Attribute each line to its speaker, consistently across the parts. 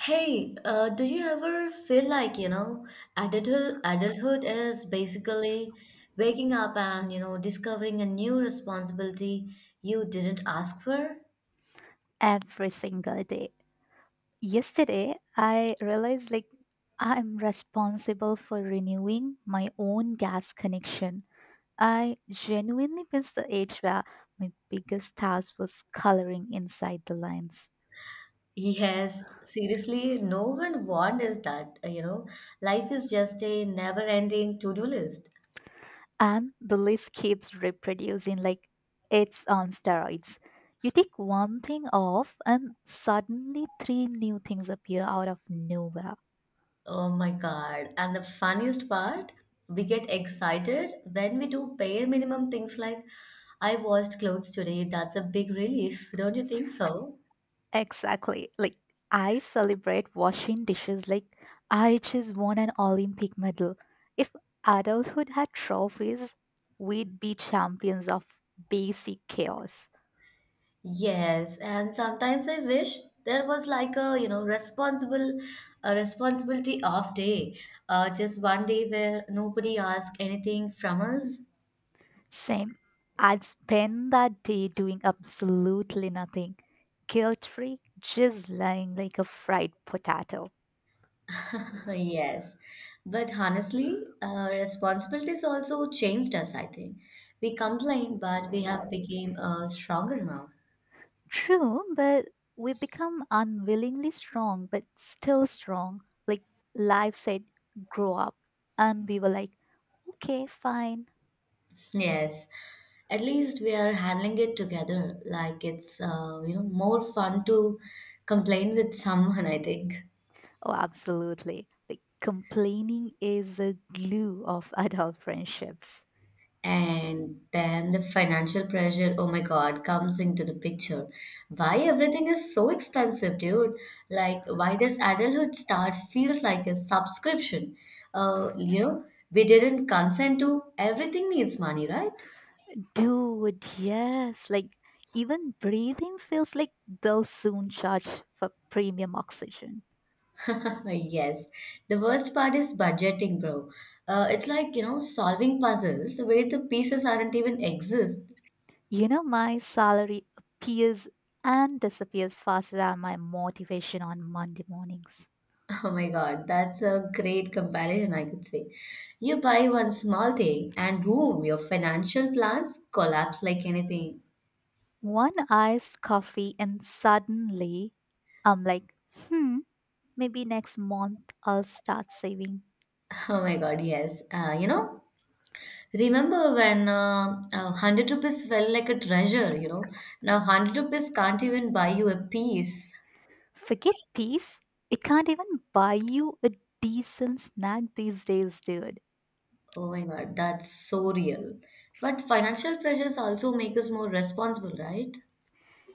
Speaker 1: Hey, do you ever feel like, adulthood is basically waking up and, discovering a new responsibility you didn't ask for?
Speaker 2: Every single day. Yesterday, I realized like I'm responsible for renewing my own gas connection. I genuinely missed the age where my biggest task was coloring inside the lines.
Speaker 1: Yes, seriously, no one warned us that, life is just a never-ending to-do list.
Speaker 2: And the list keeps reproducing like it's on steroids. You take one thing off, and suddenly three new things appear out of nowhere.
Speaker 1: Oh my God. And the funniest part, we get excited when we do bare minimum things like, I washed clothes today. That's a big relief, don't you think so?
Speaker 2: Exactly. Like I celebrate washing dishes like I just won an Olympic medal. If adulthood had trophies, we'd be champions of basic chaos.
Speaker 1: Yes, and sometimes I wish there was like a, you know, responsible a responsibility off day. Just one day where nobody asks anything from us.
Speaker 2: Same. I'd spend that day doing absolutely nothing. Guilt free, just lying like a fried potato.
Speaker 1: Yes. But honestly, responsibilities also changed us, I think. We complained, but we have become stronger now.
Speaker 2: True, but we become unwillingly strong, but still strong. Like life said, grow up. And we were like, okay, fine.
Speaker 1: Yes. At least we are handling it together. Like it's more fun to complain with someone, I think.
Speaker 2: Oh, absolutely. Like complaining is a glue of adult friendships.
Speaker 1: And then the financial pressure, oh my God, comes into the picture. Why everything is so expensive, dude? Like, why does adulthood start feels like a subscription? Uh, you know, we didn't consent to everything needs money, right?
Speaker 2: Dude, yes. Like even breathing feels like they'll soon charge for premium oxygen.
Speaker 1: Yes. The worst part is budgeting, bro. It's like, solving puzzles where the pieces aren't even exist.
Speaker 2: You know, my salary appears and disappears faster than my motivation on Monday mornings.
Speaker 1: Oh my God, that's a great comparison, I could say. You buy one small thing and boom, your financial plans collapse like anything.
Speaker 2: One iced coffee, and suddenly I'm like, hmm, maybe next month I'll start saving.
Speaker 1: Oh my God, yes. Remember when 100 rupees felt like a treasure. Now 100 rupees can't even buy you a piece.
Speaker 2: Forget peace. It can't even buy you a decent snack these days, dude.
Speaker 1: Oh my God, that's so real. But financial pressures also make us more responsible, right?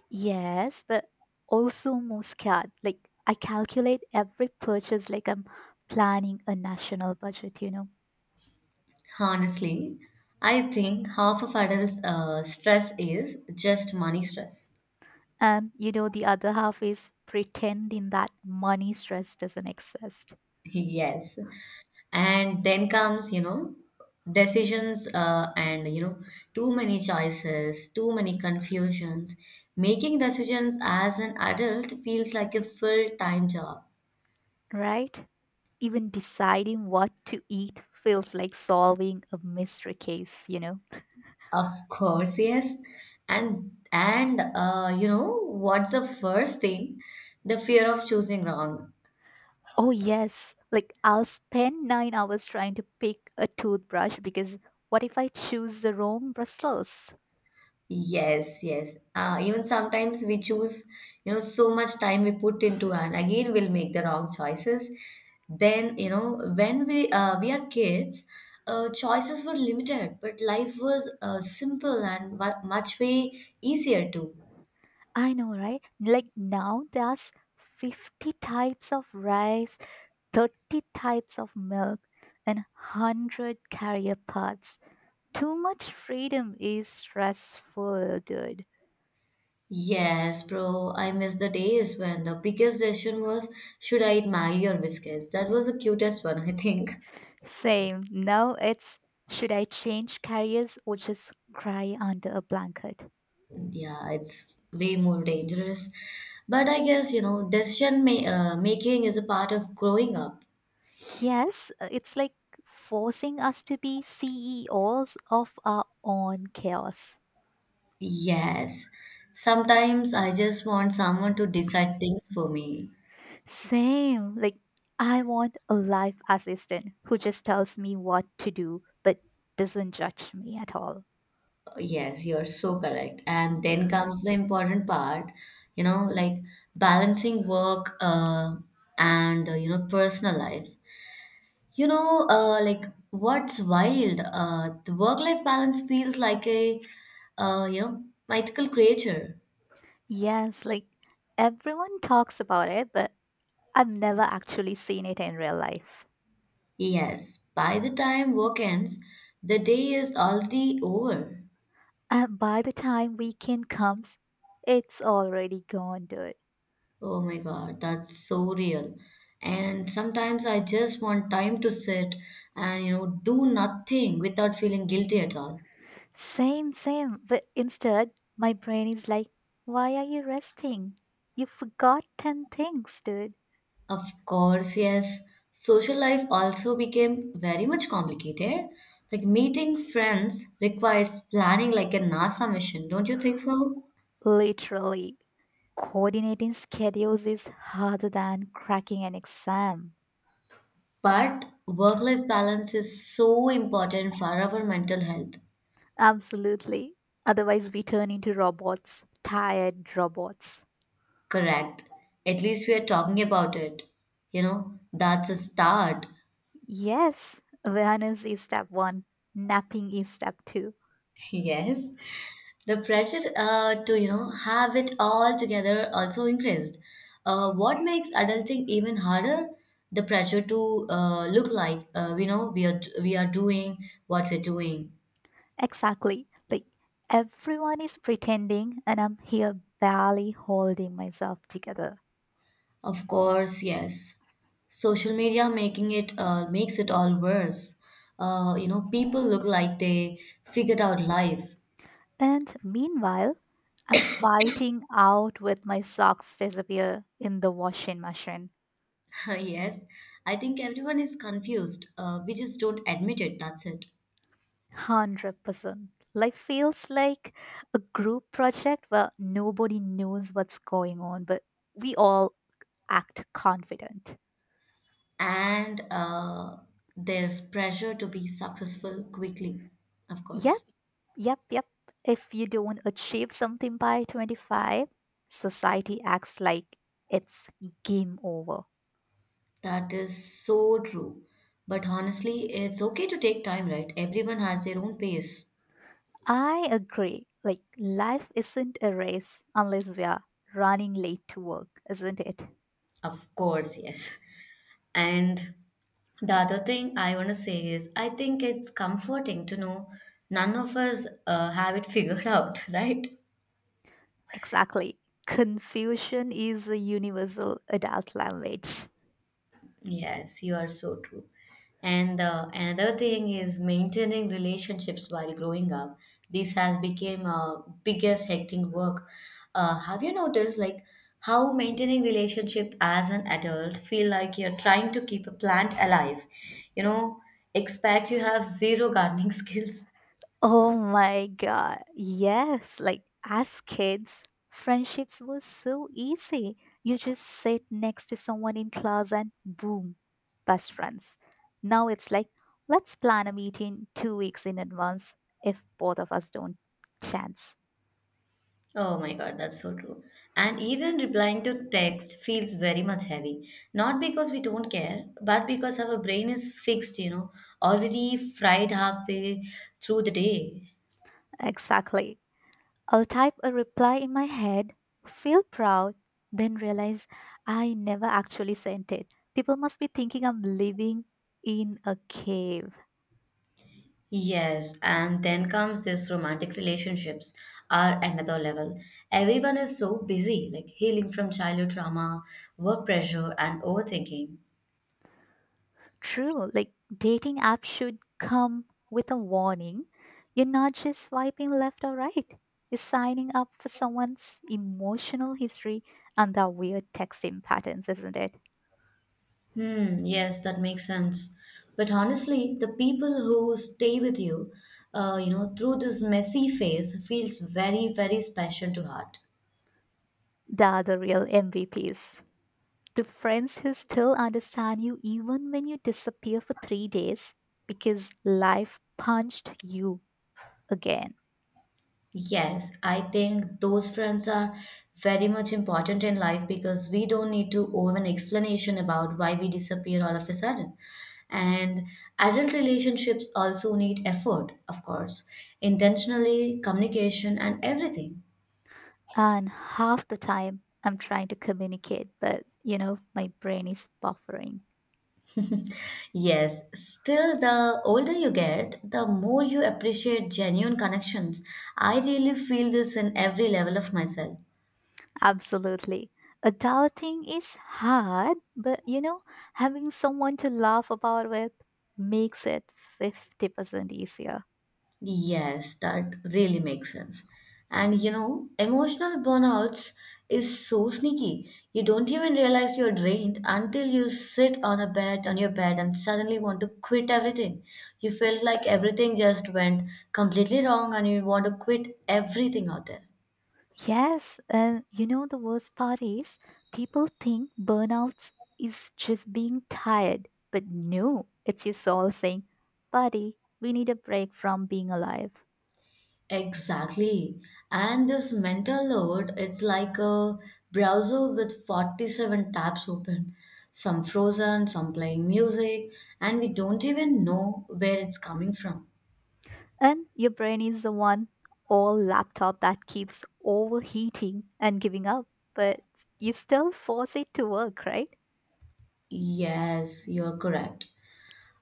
Speaker 2: Yes, but also more scared. Like, I calculate every purchase like I'm planning a national budget, you know?
Speaker 1: Honestly, I think half of adults' stress is just money stress.
Speaker 2: And, you know, the other half is pretending that money stress doesn't exist,
Speaker 1: Yes. And then comes decisions and too many choices, too many confusions. Making decisions as an adult feels like a full-time job.
Speaker 2: right? Even deciding what to eat feels like solving a mystery case, you know?
Speaker 1: Of course, yes. And what's the first thing? The fear of choosing wrong.
Speaker 2: Oh, yes. Like, I'll spend 9 hours trying to pick a toothbrush because what if I choose the wrong bristles?
Speaker 1: Yes, yes. Even sometimes we choose, so much time we put into and again we'll make the wrong choices. Then, when we are kids, choices were limited, but life was simple and much way easier too.
Speaker 2: I know, right? Like, now there's 50 types of rice, 30 types of milk, and 100 carrier pots. Too much freedom is stressful, dude.
Speaker 1: Yes, bro. I miss the days when the biggest decision was should I eat Maggie or biscuits? That was the cutest one, I think.
Speaker 2: Same. Now it's should I change carriers or just cry under a blanket?
Speaker 1: Yeah, it's way more dangerous, but I guess, decision making is a part of growing up.
Speaker 2: Yes, it's like forcing us to be CEOs of our own chaos.
Speaker 1: Yes, sometimes I just want someone to decide things for me.
Speaker 2: Same. Like, I want a life assistant who just tells me what to do but doesn't judge me at all.
Speaker 1: Yes, you're so correct. And then comes the important part, you know like balancing work and personal life. you know uh, like what's wild, the work life balance feels like a uh, you know mythical creature.
Speaker 2: Yes, like, everyone talks about it, but I've never actually seen it in real life.
Speaker 1: Yes, by the time work ends, the day is already over.
Speaker 2: And by the time weekend comes, it's already gone, dude.
Speaker 1: Oh my God, that's so real. And sometimes I just want time to sit and, do nothing without feeling guilty at all.
Speaker 2: Same, same. But instead, my brain is like, why are you resting? You forgot 10 things, dude.
Speaker 1: Of course, yes. Social life also became very much complicated. Like meeting friends requires planning like a NASA mission, don't you think so?
Speaker 2: Literally, coordinating schedules is harder than cracking an exam.
Speaker 1: But work life balance is so important for our mental health.
Speaker 2: Absolutely. Otherwise, we turn into robots, tired robots.
Speaker 1: Correct. At least we are talking about it. You know, that's a start.
Speaker 2: Yes, awareness is step one, napping is step two.
Speaker 1: Yes. The pressure to, have it all together also increased. What makes adulting even harder? The pressure to look like, we know, we are doing what we're doing.
Speaker 2: Exactly. Like, everyone is pretending, and I'm here barely holding myself together.
Speaker 1: Of course, yes. Social media making it makes it all worse. People look like they figured out life.
Speaker 2: And meanwhile, I'm fighting out with my socks disappear in the washing machine.
Speaker 1: Yes, I think everyone is confused. We just don't admit it. That's it.
Speaker 2: 100%. Life feels like a group project where nobody knows what's going on, but we all act confident.
Speaker 1: And there's pressure to be successful quickly, of
Speaker 2: Yep,
Speaker 1: course.
Speaker 2: yep, yep. If you don't achieve something by 25, society acts like it's game over.
Speaker 1: That is so true. But honestly, it's okay to take time, right? Everyone has their own pace.
Speaker 2: I agree. Like, life isn't a race unless we are running late to work, isn't it?
Speaker 1: Of course, yes. And the other thing I want to say is I think it's comforting to know none of us have it figured out, right?
Speaker 2: Exactly. Confusion is a universal adult language.
Speaker 1: Yes, you are so true. And another thing is maintaining relationships while growing up. This has become a biggest hectic work. Have you noticed like how maintaining relationship as an adult feel like you're trying to keep a plant alive? You know, expect you have zero gardening skills.
Speaker 2: Oh my god. Yes. Like, as kids, friendships were so easy. You just sit next to someone in class and boom, best friends. Now it's like, let's plan a meeting 2 weeks in advance if both of us don't chance.
Speaker 1: Oh my god, that's so true. And even replying to text feels very much heavy. Not because we don't care, but because our brain is fixed, already fried halfway through the day.
Speaker 2: Exactly. I'll type a reply in my head, feel proud, then realize I never actually sent it. People must be thinking I'm living in a cave.
Speaker 1: Yes, and then comes this romantic relationships are another level. Everyone is so busy, like healing from childhood trauma, work pressure, and overthinking.
Speaker 2: True, like dating apps should come with a warning. You're not just swiping left or right. You're signing up for someone's emotional history and their weird texting patterns, isn't it?
Speaker 1: Hmm, yes, that makes sense. But honestly, the people who stay with you, through this messy phase feels very, very special to heart.
Speaker 2: They are the real MVPs. The friends who still understand you even when you disappear for 3 days because life punched you again.
Speaker 1: Yes, I think those friends are very much important in life because we don't need to owe an explanation about why we disappear all of a sudden. And adult relationships also need effort, of course, intentionally, communication, and everything.
Speaker 2: And half the time I'm trying to communicate, but you know, my brain is buffering.
Speaker 1: Yes, still, the older you get, the more you appreciate genuine connections. I really feel this in every level of myself.
Speaker 2: Absolutely. Adulting is hard, but you know, having someone to laugh about with makes it 50% easier.
Speaker 1: Yes, that really makes sense. And you know, emotional burnouts is so sneaky. You don't even realize you're drained until you sit on your bed and suddenly want to quit everything. You felt like everything just went completely wrong and you want to quit everything out there.
Speaker 2: Yes, and you know the worst part is people think burnouts is just being tired, but no, it's your soul saying, "Buddy, we need a break from being alive."
Speaker 1: Exactly. And this mental load, it's like a browser with 47 tabs open, some frozen, some playing music, and we don't even know where it's coming from.
Speaker 2: And your brain is the one all laptop that keeps overheating and giving up, but you still force it to work, right?
Speaker 1: Yes, you're correct.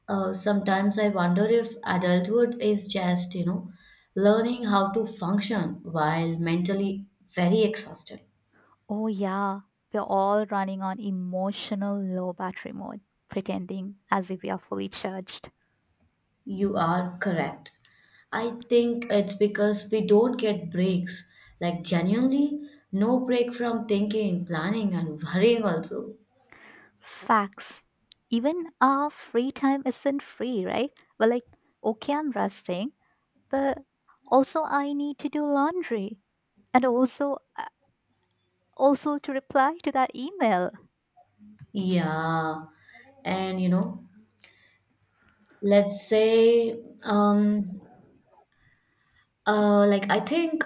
Speaker 1: Sometimes I wonder if adulthood is just, learning how to function while mentally very exhausted.
Speaker 2: Oh yeah, we're all running on emotional low battery mode, pretending as if we are fully charged.
Speaker 1: You are correct. I think it's because we don't get breaks. Like, genuinely, no break from thinking, planning, and worrying, also.
Speaker 2: Facts. Even our free time isn't free, right? Well, like, okay, I'm resting, but also I need to do laundry and also to reply to that email.
Speaker 1: Yeah. And, let's say, um, I think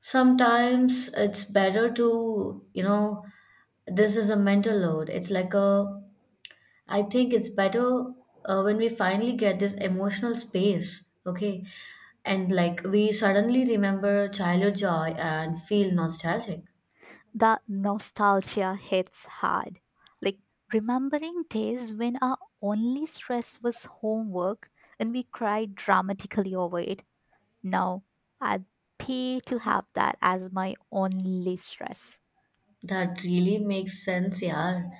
Speaker 1: sometimes it's better to, this is a mental load. It's like a I think it's better when we finally get this emotional space, okay? And like we suddenly remember childhood joy and feel nostalgic.
Speaker 2: That nostalgia hits hard. Like remembering days when our only stress was homework and we cried dramatically over it. Now, I'd pay to have that as my only stress.
Speaker 1: That really makes sense, yeah.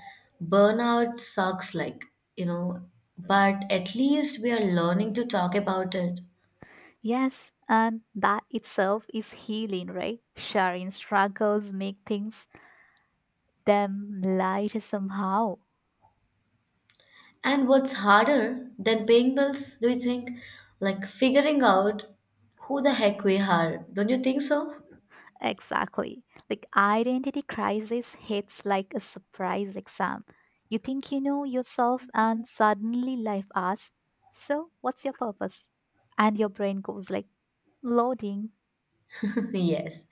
Speaker 1: Burnout sucks, like, you know, but at least we are learning to talk about it.
Speaker 2: Yes, and that itself is healing, right? Sharing struggles make things them light somehow.
Speaker 1: And what's harder than paying bills, do you think? Like figuring out who the heck we are. Don't you think so?
Speaker 2: Exactly. Like identity crisis hits like a surprise exam. You think you know yourself and suddenly life asks, "So, what's your purpose?" And your brain goes like loading.
Speaker 1: Yes.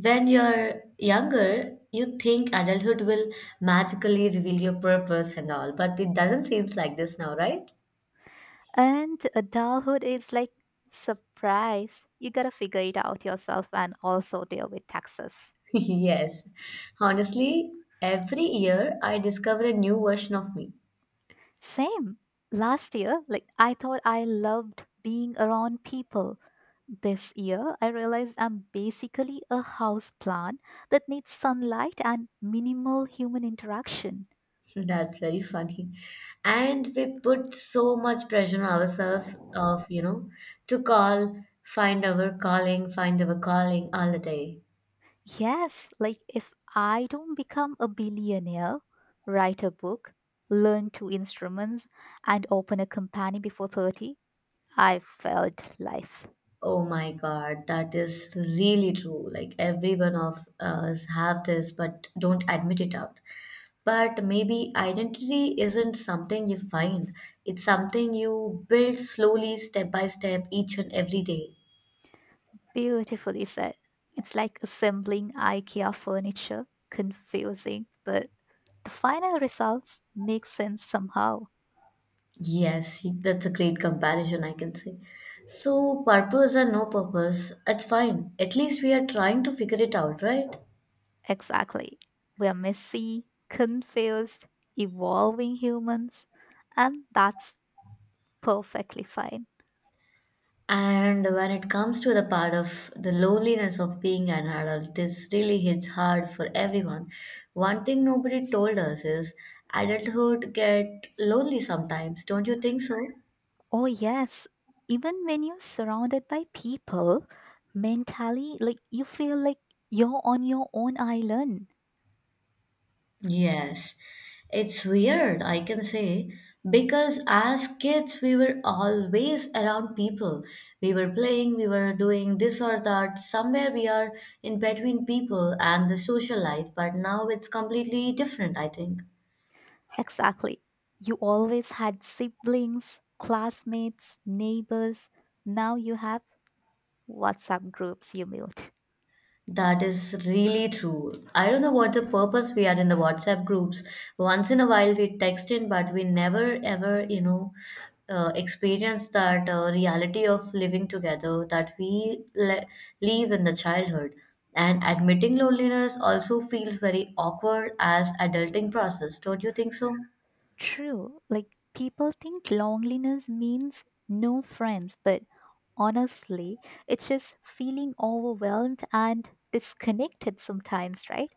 Speaker 1: When you're younger, you think adulthood will magically reveal your purpose and all, but it doesn't seem like this now, right?
Speaker 2: And adulthood is like surprise. You got to figure it out yourself and also deal with taxes.
Speaker 1: Yes. Honestly, every year I discover a new version of me.
Speaker 2: Same. Last year, like I thought I loved being around people. This year, I realized I'm basically a house plant that needs sunlight and minimal human interaction.
Speaker 1: That's very funny. And we put so much pressure on ourselves of, to call, find our calling all the day.
Speaker 2: Yes, like if I don't become a billionaire, write a book, learn two instruments, and open a company before 30, I felt life.
Speaker 1: Oh my God, that is really true. Like every one of us have this, but don't admit it out. But maybe identity isn't something you find. It's something you build slowly, step by step, each and every day.
Speaker 2: Beautifully said. It's like assembling IKEA furniture, confusing, but the final results make sense somehow.
Speaker 1: Yes, that's a great comparison, I can say. So, purpose and no purpose, it's fine. At least we are trying to figure it out, right?
Speaker 2: Exactly. We're messy, confused, evolving humans, and that's perfectly fine.
Speaker 1: And when it comes to the part of the loneliness of being an adult, this really hits hard for everyone. One thing nobody told us is adulthood get lonely sometimes, don't you think so?
Speaker 2: Oh, yes. Even when you're surrounded by people, mentally, like you feel like you're on your own island.
Speaker 1: Yes. It's weird, I can say, because as kids, we were always around people. We were playing, we were doing this or that. Somewhere we are in between people and the social life, but now it's completely different, I think.
Speaker 2: Exactly. You always had siblings, classmates, neighbors. Now you have WhatsApp groups you mute.
Speaker 1: That is really true. I don't know what the purpose we are in the WhatsApp groups. Once in a while we text in, but we never ever, experience that reality of living together that live in the childhood. And admitting loneliness also feels very awkward as adulting process. Don't you think so?
Speaker 2: True. Like people think loneliness means no friends, but honestly, it's just feeling overwhelmed and disconnected sometimes, right?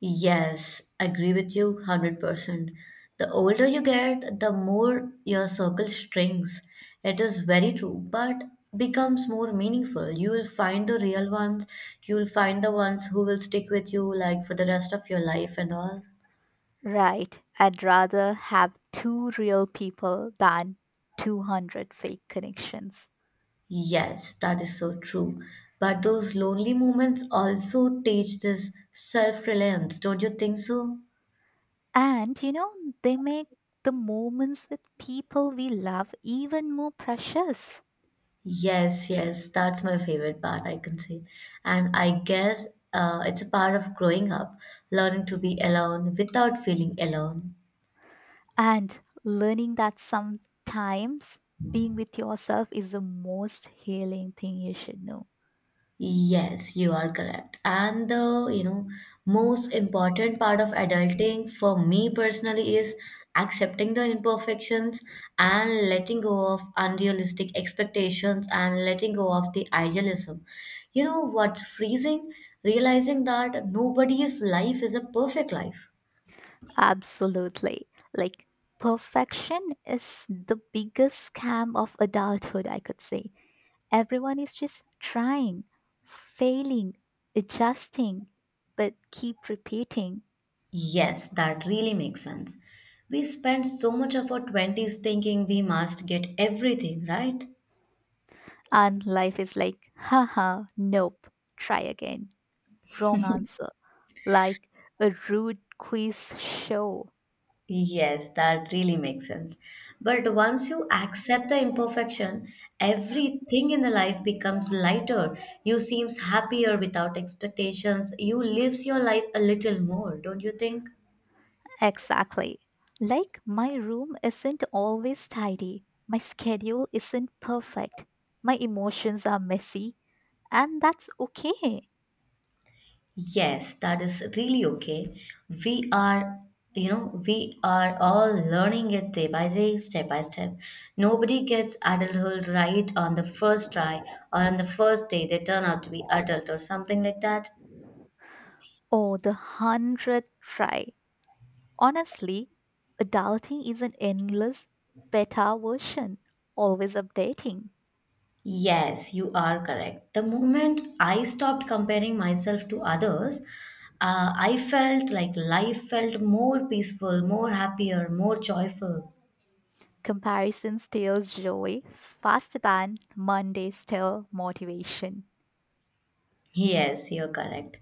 Speaker 1: Yes, agree with you 100%. The older you get, the more your circle shrinks. It is very true, but becomes more meaningful. You will find the real ones, you will find the ones who will stick with you like for the rest of your life and all.
Speaker 2: Right. I'd rather have two real people than 200 fake connections.
Speaker 1: Yes, that is so true. But those lonely moments also teach this self-reliance, don't you think so?
Speaker 2: And you know, they make the moments with people we love even more precious.
Speaker 1: Yes, yes, that's my favorite part, I can say. And I guess it's a part of growing up, learning to be alone without feeling alone.
Speaker 2: And learning that sometimes being with yourself is the most healing thing you should know.
Speaker 1: Yes, you are correct. And the, most important part of adulting for me personally is accepting the imperfections and letting go of unrealistic expectations and letting go of the idealism. You know what's freezing? Realizing that nobody's life is a perfect life.
Speaker 2: Absolutely. Like, perfection is the biggest scam of adulthood, I could say. Everyone is just trying, failing, adjusting, but keep repeating.
Speaker 1: Yes, that really makes sense. We spend so much of our 20s thinking we must get everything, right?
Speaker 2: And life is like, haha, nope, try again. Wrong answer. Like a rude quiz show.
Speaker 1: Yes, that really makes sense. But once you accept the imperfection, everything in the life becomes lighter. You seems happier without expectations. You lives your life a little more, don't you think?
Speaker 2: Exactly. Like, my room isn't always tidy, my schedule isn't perfect, my emotions are messy, and that's okay.
Speaker 1: Yes, that is really okay. We are, we are all learning it day by day, step by step. Nobody gets adulthood right on the first try or on the first day they turn out to be adult or something like that.
Speaker 2: Or the hundredth try. Honestly, adulting is an endless beta version, always updating.
Speaker 1: Yes, you are correct. The moment I stopped comparing myself to others, I felt like life felt more peaceful, more happier, more joyful.
Speaker 2: Comparison steals joy faster than Monday steal motivation.
Speaker 1: Yes, you're correct.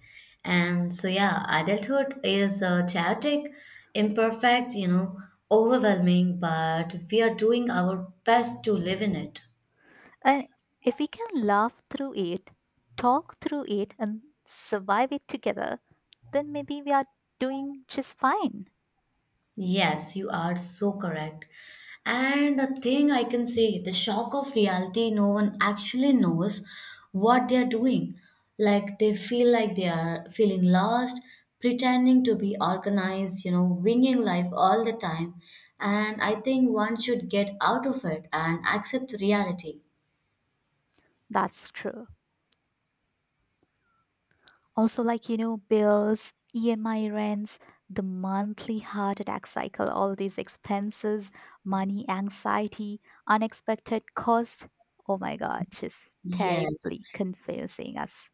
Speaker 1: And so, yeah, adulthood is chaotic, imperfect, overwhelming, but we are doing our best to live in it.
Speaker 2: And if we can laugh through it, talk through it, and survive it together, then maybe we are doing just fine.
Speaker 1: Yes, you are so correct. And the thing I can say, the shock of reality, no one actually knows what they are doing. Like they feel like they are feeling lost, pretending to be organized, winging life all the time. And I think one should get out of it and accept reality.
Speaker 2: That's true. Also, like, you know, bills, EMI rents, the monthly heart attack cycle, all these expenses, money anxiety, unexpected cost. Oh my God, just
Speaker 1: Yes.
Speaker 2: terribly confusing us.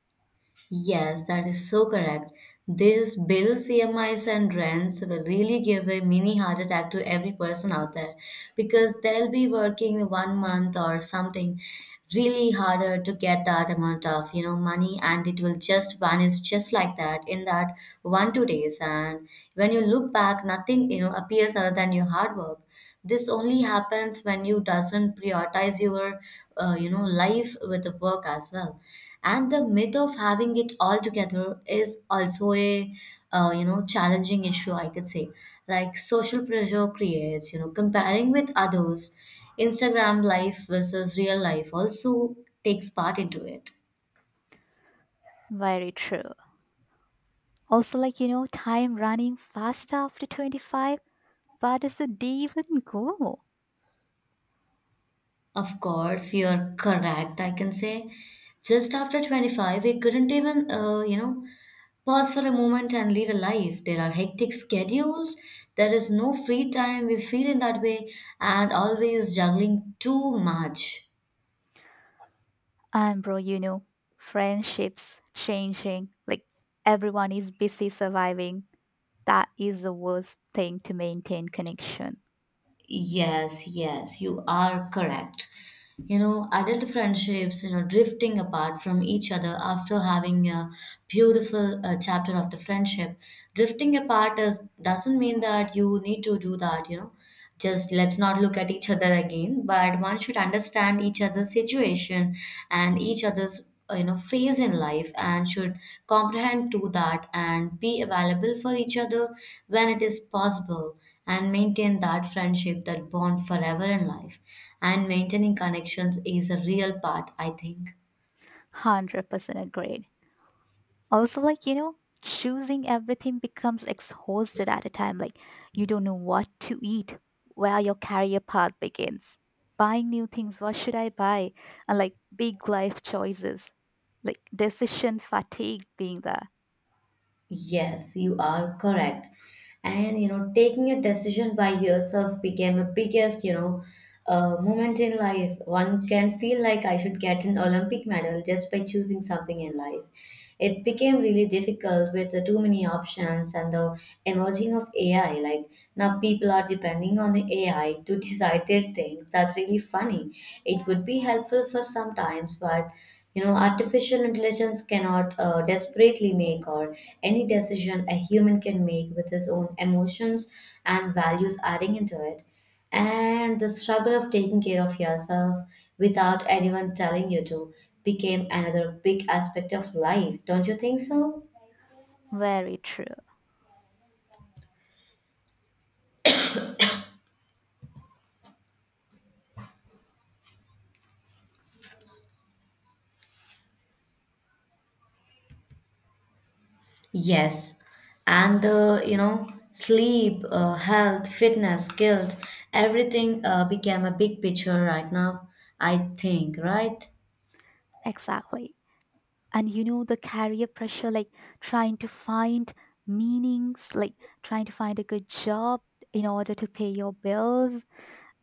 Speaker 1: Yes, that is so correct. These bills, EMIs, and rents will really give a mini heart attack to every person out there, because they'll be working one month or something really harder to get that amount of money, and it will just vanish just like that in that one two days. And when you look back, nothing appears other than your hard work. This only happens when you doesn't prioritize your life with the work as well. And the myth of having it all together is also a challenging issue, I could say. Like social pressure creates comparing with others. Instagram life versus real life also takes part into it.
Speaker 2: Very true. Also, like, you know, time running faster after 25. Where does the day even go?
Speaker 1: Of course, you're correct. I can say just after 25, we couldn't even, pause for a moment and live a life. There are hectic schedules, there is no free time. We feel in that way and always juggling too much.
Speaker 2: And bro, you know, friendships changing, like everyone is busy surviving. That is the worst thing to maintain connection.
Speaker 1: Yes, yes, you are correct. Adult friendships, drifting apart from each other after having a beautiful chapter of the friendship. Drifting apart is, doesn't mean that you need to do that. Just let's not look at each other again, but one should understand each other's situation and each other's, phase in life, and should comprehend to that and be available for each other when it is possible and maintain that friendship, that bond, forever in life. And maintaining connections is a real part, I think.
Speaker 2: 100% agreed. Also, like, you know, choosing everything becomes exhausted at a time. Like, you don't know what to eat, where your career path begins, buying new things, what should I buy? And like big life choices, like decision fatigue being there.
Speaker 1: Yes, you are correct. And taking a decision by yourself became a biggest moment in life. One can feel like I should get an Olympic medal just by choosing something in life. It became really difficult with the too many options and the emerging of AI. Like now, people are depending on the AI to decide their things. That's really funny. It would be helpful for sometimes, but artificial intelligence cannot desperately make or any decision a human can make with his own emotions and values adding into it. And the struggle of taking care of yourself without anyone telling you to became another big aspect of life, don't you think so?
Speaker 2: Very true.
Speaker 1: Yes, and the sleep, health, fitness, guilt, everything became a big picture right now. I think, right?
Speaker 2: Exactly. And you know, the career pressure, like trying to find meanings, like trying to find a good job in order to pay your bills,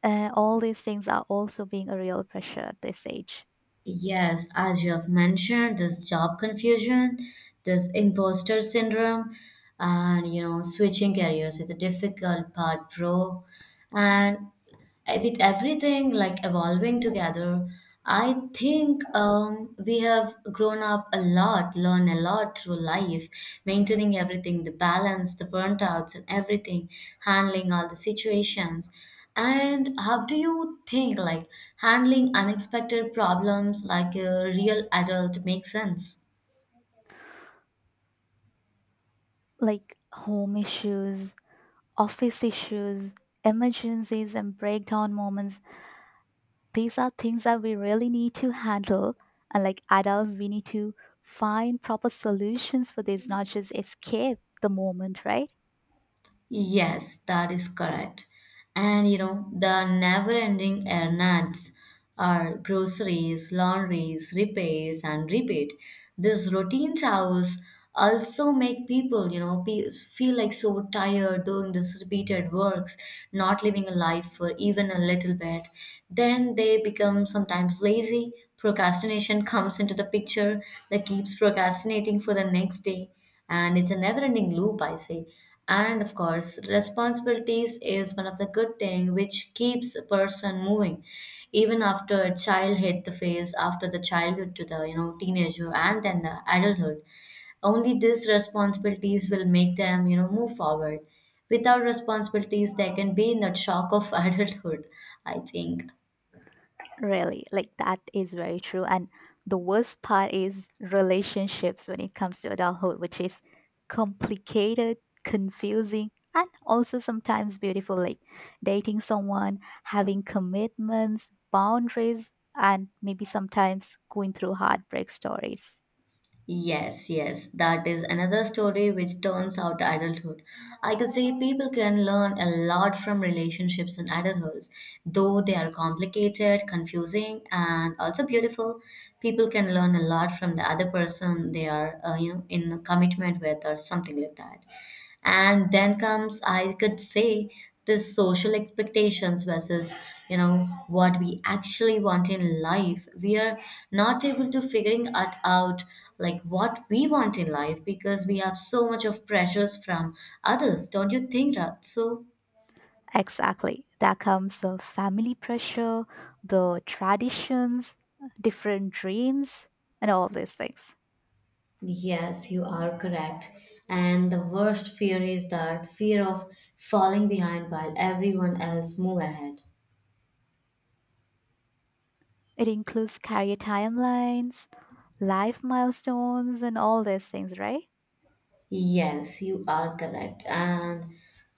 Speaker 2: all these things are also being a real pressure at this age.
Speaker 1: Yes, as you have mentioned, this job confusion, this imposter syndrome, and switching careers is a difficult part, bro. And with everything like evolving together, I think we have grown up a lot, learned a lot through life, maintaining everything, the balance, the burnt outs, and everything, handling all the situations. And how do you think like handling unexpected problems like a real adult makes sense?
Speaker 2: Like home issues, office issues, emergencies, and breakdown moments. These are things that we really need to handle. And like adults, we need to find proper solutions for this, not just escape the moment, right?
Speaker 1: Yes, that is correct. And the never-ending errands are groceries, laundries, repairs, and repeat. These routine hours also make people, feel like so tired doing this repeated works, not living a life for even a little bit. Then they become sometimes lazy. Procrastination comes into the picture that keeps procrastinating for the next day. And it's a never-ending loop, I say. And of course responsibilities is one of the good thing which keeps a person moving even after a child hit the phase after the childhood to the teenager and then the adulthood. Only these responsibilities will make them move forward. Without responsibilities, they can be in that shock of adulthood, I think.
Speaker 2: Really, like that is very true. And the worst part is relationships when it comes to adulthood, which is complicated, confusing, and also sometimes beautiful. Like dating someone, having commitments, boundaries, and maybe sometimes going through heartbreak stories.
Speaker 1: Yes, yes, that is another story which turns out adulthood. I could say people can learn a lot from relationships in adulthood, though they are complicated, confusing, and also beautiful. People can learn a lot from the other person they are, in a commitment with or something like that. And then comes, I could say, this social expectations versus you know what we actually want in life. We are not able to figuring it out, like what we want in life, because we have so much of pressures from others, don't you think, Rat? So
Speaker 2: Exactly. There comes the family pressure, the traditions, different dreams, and all these things.
Speaker 1: yes, you are correct. And the worst fear is that fear of falling behind while everyone else move ahead.
Speaker 2: It includes career timelines life milestones and all these things, right?
Speaker 1: Yes, you are correct. And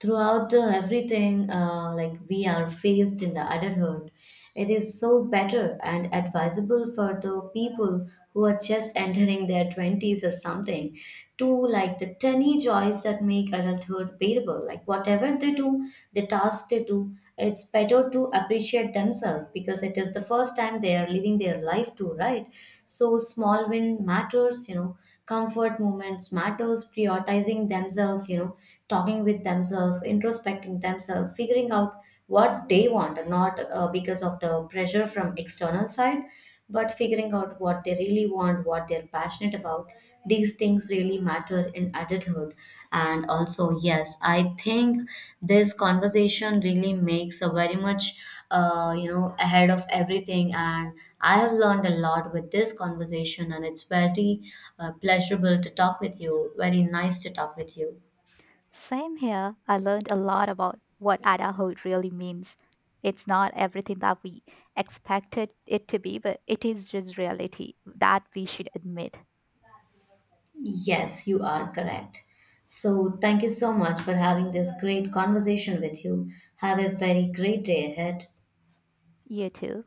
Speaker 1: throughout the everything, like we are faced in the adulthood, it is so better and advisable for the people who are just entering their twenties or something to like the tiny joys that make adulthood bearable. Like whatever they do, the task they do, it's better to appreciate themselves because it is the first time they are living their life too, right? So small win matters, comfort movements matters, prioritizing themselves, talking with themselves, introspecting themselves, figuring out what they want, not because of the pressure from external side, but figuring out what they really want, what they're passionate about. These things really matter in adulthood. And also yes, I think this conversation really makes a very much ahead of everything, and I have learned a lot with this conversation. And it's very pleasurable to talk with you, very nice to talk with you.
Speaker 2: Same here. I learned a lot about what adulthood really means. It's not everything that we expected it to be, but it is just reality that we should admit.
Speaker 1: Yes, you are correct. So, thank you so much for having this great conversation with you. Have a very great day ahead.
Speaker 2: You too.